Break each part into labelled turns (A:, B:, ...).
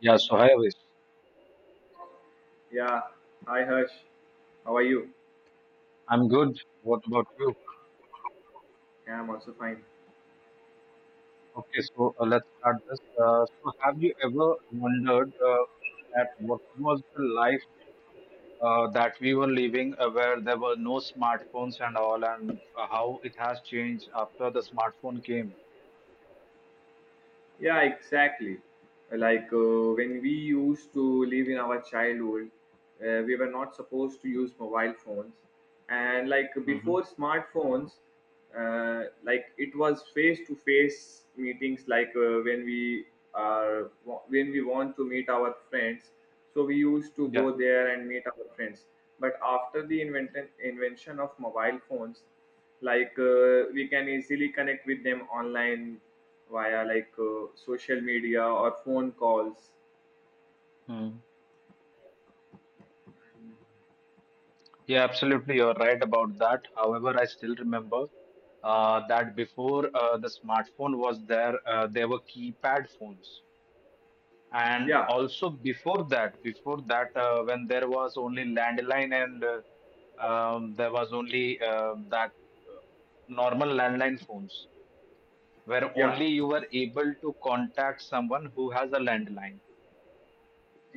A: Yeah, so hi, Avis.
B: Yeah. Hi, Harsh. How are you?
A: I'm good. What about you?
B: Yeah, I'm also fine.
A: Okay, so let's start this. Have you ever wondered at what was the life that we were living where there were no smartphones and all, and how it has changed after the smartphone came?
B: Yeah, exactly. Like when we used to live in our childhood, we were not supposed to use mobile phones, and like
A: Hmm
B: before smartphones, like it was face-to-face meetings. Like are when we want to meet our friends, so we used to
A: Yeah.
B: go there and meet our friends. But after the invention of mobile phones, like we can easily connect with them online via like social media or phone calls.
A: Mm. Yeah, absolutely. You're right about that. However, I still remember that before the smartphone was there, there were keypad phones. And
B: Yeah,
A: also before that, when there was only landline and there was only that uh, normal landline phones, where
B: yeah,
A: only you were able to contact someone who has a landline.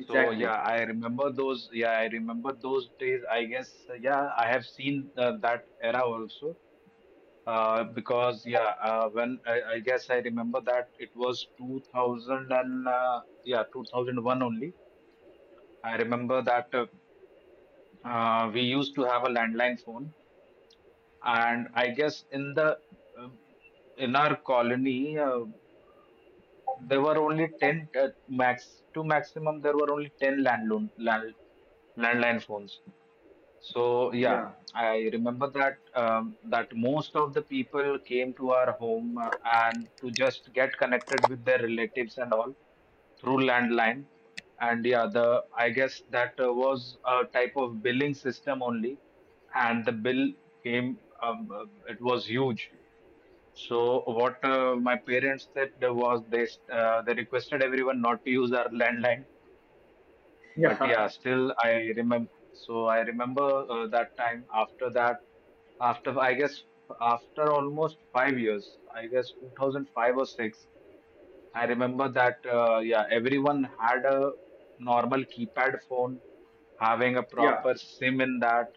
A: So yeah, I remember those. Yeah, I remember those days. I guess yeah, I have seen that era also. Because yeah, when I guess I remember that it was 2000 and yeah, 2001 only. I remember that we used to have a landline phone, and I guess in the uh, in our colony, there were only 10 max to maximum there were only 10 landline landline phones. So yeah,
B: Yeah,
A: I remember that that most of the people came to our home and to just get connected with their relatives and all through landline. And yeah, the I guess that was a type of billing system only, and the bill came. It was huge. So what my parents did was they requested everyone not to use our landline.
B: yeah,
A: But yeah, still I remember. So I remember that time. After that, after I guess after almost 5 years, I guess 2005 or six. I remember that, yeah, everyone had a normal keypad phone, having a
B: yeah.
A: proper SIM in that.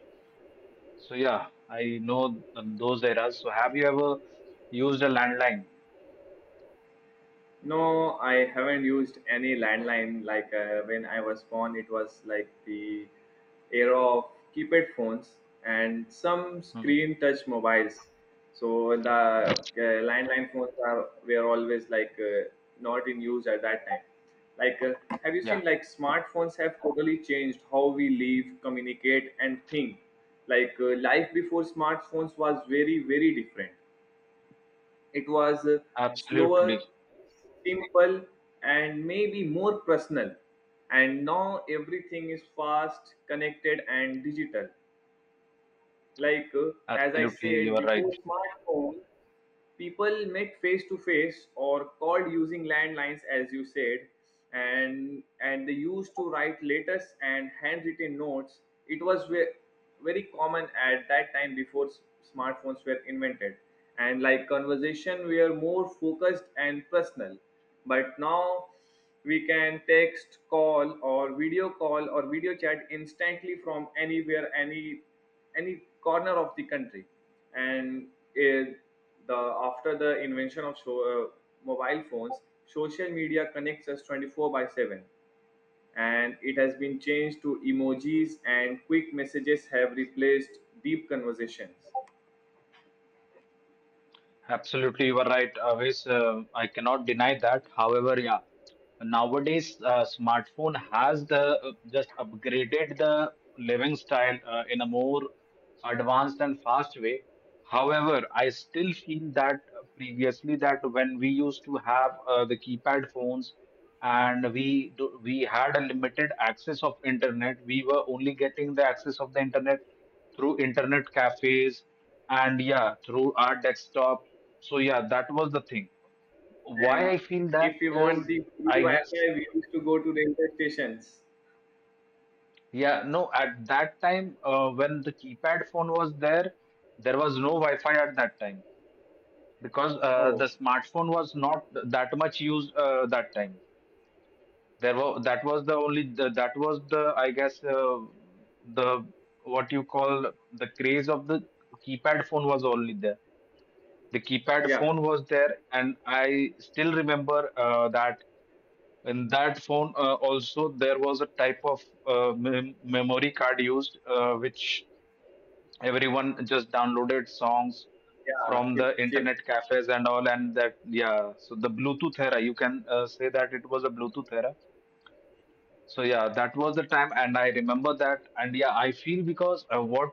A: So, yeah, I know those eras. So, have you ever used a landline?
B: No, I haven't used any landline. Like when I was born, it was like the era of keypad phones and some
A: Hmm.
B: screen touch mobiles. So the landline phones are were always like not in use at that time. Like, have you
A: Yeah,
B: seen like smartphones have totally changed how we live, communicate, and think. Like life before smartphones was very different. It was slower,
A: absolutely.
B: simple, and maybe more personal. And now everything is fast, connected, and digital. Like, as I
A: Absolutely,
B: said,
A: you are right.
B: before smartphone, people met face to face or called using landlines, as you said, and they used to write letters and handwritten notes. It was very common at that time before smartphones were invented, and like conversation were more focused and personal. But now we can text, call or video chat instantly from anywhere, any corner of the country. And it, the after the invention of mobile phones, social media connects us 24 by 7, and it has been changed to emojis and quick messages have replaced deep conversations.
A: Absolutely, you are right. Always, I cannot deny that. However, yeah, nowadays smartphone has the just upgraded the living style in a more advanced and fast way. However, I still feel that previously that when we used to have the keypad phones, and we had a limited access of internet. We were only getting the access of the internet through internet cafes, and yeah, through our desktop. So yeah, that was the thing why
B: And
A: I feel that
B: if we want
A: is,
B: the free
A: i guess
B: wi-fi, we used to go to railway stations.
A: Yeah, no, at that time, when the keypad phone was there, there was no Wi-Fi at that time, because the
B: Oh,
A: smartphone was not that much used that time. There were, that was the only that was the, I guess, the what you call, the craze of the keypad phone was only there. The keypad
B: yeah.
A: phone was there, and I still remember that in that phone also there was a type of memory card used, which everyone just downloaded songs
B: Yeah,
A: from
B: chip,
A: the
B: chip.
A: internet cafes and all. And that, yeah, so the Bluetooth era, you can say that it was a Bluetooth era. So yeah, that was the time, and I remember that. And yeah, I feel because what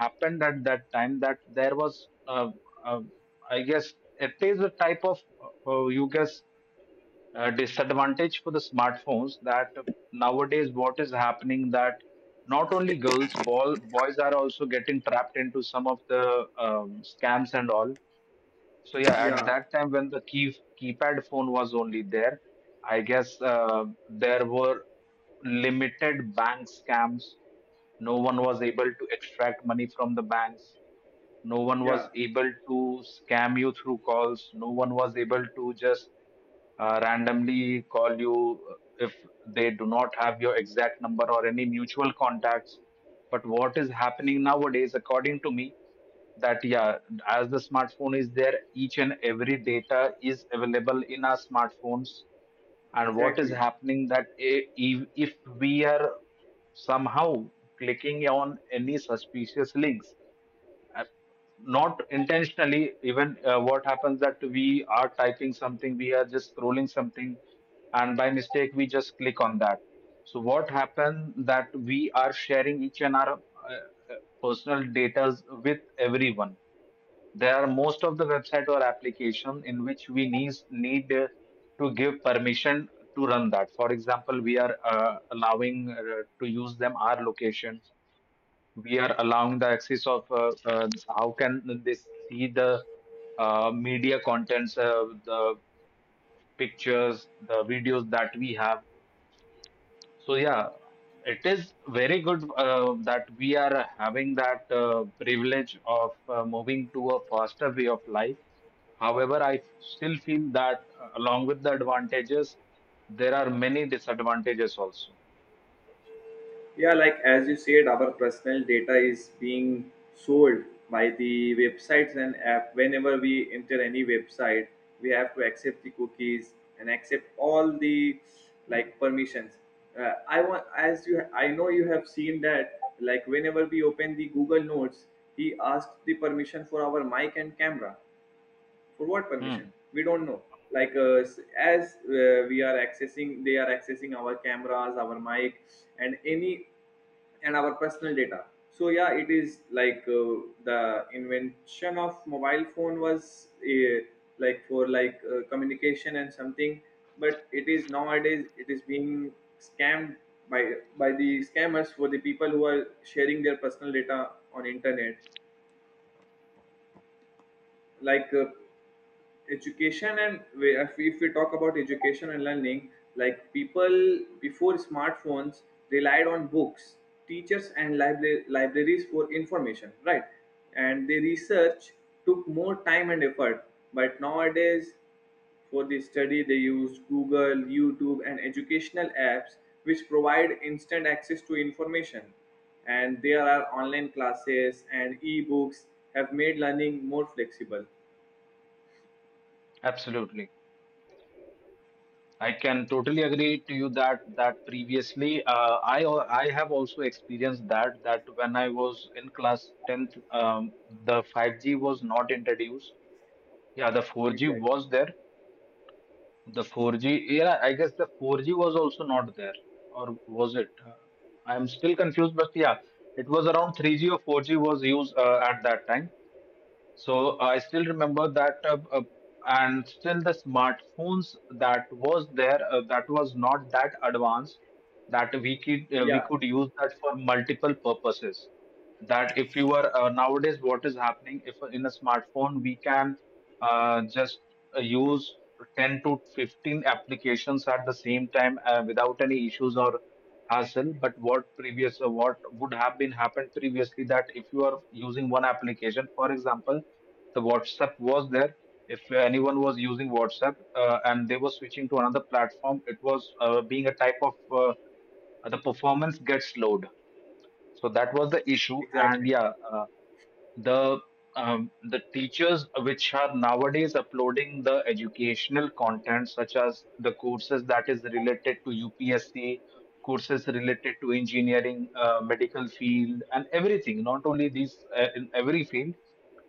A: happened at that time, that there was uh, I guess it is a type of you guess disadvantage for the smartphones, that nowadays what is happening that not only girls, ball boys are also getting trapped into some of the scams and all. So yeah, at
B: Yeah,
A: that time when the keypad phone was only there, I guess there were limited bank scams. No one was able to extract money from the banks. No one
B: yeah,
A: was able to scam you through calls. No one was able to just randomly call you, if they do not have your exact number or any mutual contacts. But what is happening nowadays, according to me, that yeah, as the smartphone is there, each and every data is available in our smartphones. And what is
B: exactly.
A: happening, that if we are somehow clicking on any suspicious links, I- not intentionally, even what happens that we are typing something, we are just scrolling something, and by mistake we just click on that. So what happened, that we are sharing each and our uh, personal data with everyone. There are most of the website or application in which we need to give permission to run that. For example, we are allowing to use them our location. We are allowing the access of how can they see the media contents, the pictures, the videos that we have. So yeah, it is very good that we are having that privilege of moving to a faster way of life. However, I still feel that along with the advantages, there are many disadvantages also.
B: Yeah, like as you said, our personal data is being sold by the websites and app. Whenever we enter any website, we have to accept the cookies and accept all the like permissions. I want, as you, I know you have seen that. Like whenever we open the Google Notes, he asks the permission for our mic and camera. For what
A: Hmm,
B: permission, we don't know. Like s- as we are accessing, they are accessing our cameras, our mic, and any and our personal data. So yeah, it is like the invention of mobile phone was like for like communication and something, but it is nowadays it is being scammed by the scammers, for the people who are sharing their personal data on internet. Like education, and if we talk about education and learning, like people before smartphones relied on books, teachers, and libraries for information, right? And the research took more time and effort, but nowadays for this study, they used Google, YouTube, and educational apps, which provide instant access to information. And there are online classes and e-books have made learning more flexible.
A: absolutely. I can totally agree to you that, that previously I have also experienced that, that when I was in class 10th, the 5G was not introduced. Yeah, the 4G
B: Exactly.
A: was there. The 4G, yeah, I guess the 4G was also not there, or was it? I'm still confused, but yeah, it was around 3G or 4G was used at that time. So I still remember that, and still the smartphones that was there, that was not that advanced, that we
B: Yeah,
A: could use that for multiple purposes. That if you are nowadays, what is happening? If in a smartphone we can just use 10 to 15 applications at the same time without any issues or hassle. But what what would have been happened previously, that if you are using one application, for example, the WhatsApp was there. If anyone was using WhatsApp and they were switching to another platform, it was being a type of, the performance gets slowed. So that was the issue.
B: exactly.
A: And yeah, the the teachers which are nowadays uploading the educational content, such as the courses that is related to UPSC, courses related to engineering, medical field and everything, not only these, in every field,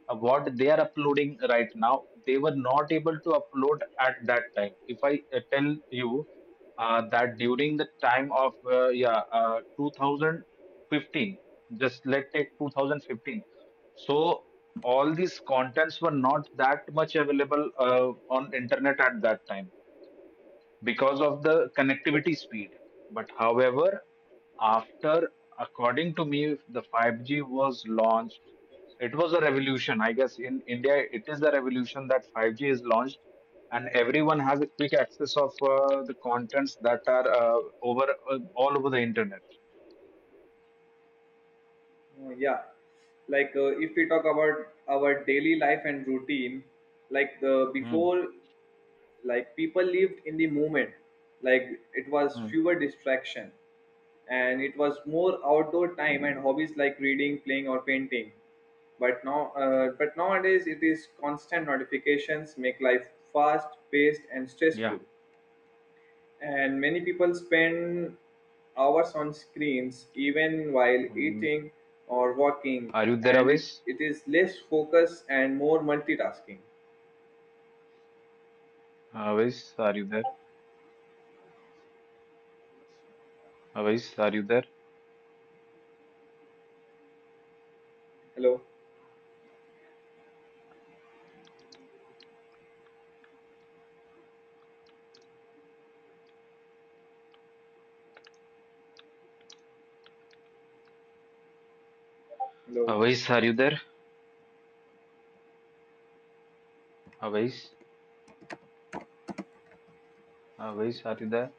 A: what they are uploading right now, they were not able to upload at that time. If I tell you that during the time of 2015, just let's take 2015, so all these contents were not that much available on internet at that time because of the connectivity speed. But however, after, according to me, the 5G was launched. It was a revolution. I guess in India it is the revolution, that 5G is launched, and everyone has a quick access of the contents that are over all over the internet.
B: Yeah, like if we talk about our daily life and routine, like the
A: Hmm,
B: before, like people lived in the moment, like it was
A: hmm,
B: fewer distraction, and it was more outdoor time and hobbies like reading, playing, or painting. But nowadays it is constant notifications make life fast paced and
A: yeah.
B: stressful, and many people spend hours on screens even while
A: Hmm.
B: eating or walking.
A: Are you there,
B: And
A: Avis?
B: it is less focus and more multitasking.
A: Avis, are you there? Avais, are you there?
B: Hello. Hello.
A: Avais, are you there? Avais, Avais, are you there?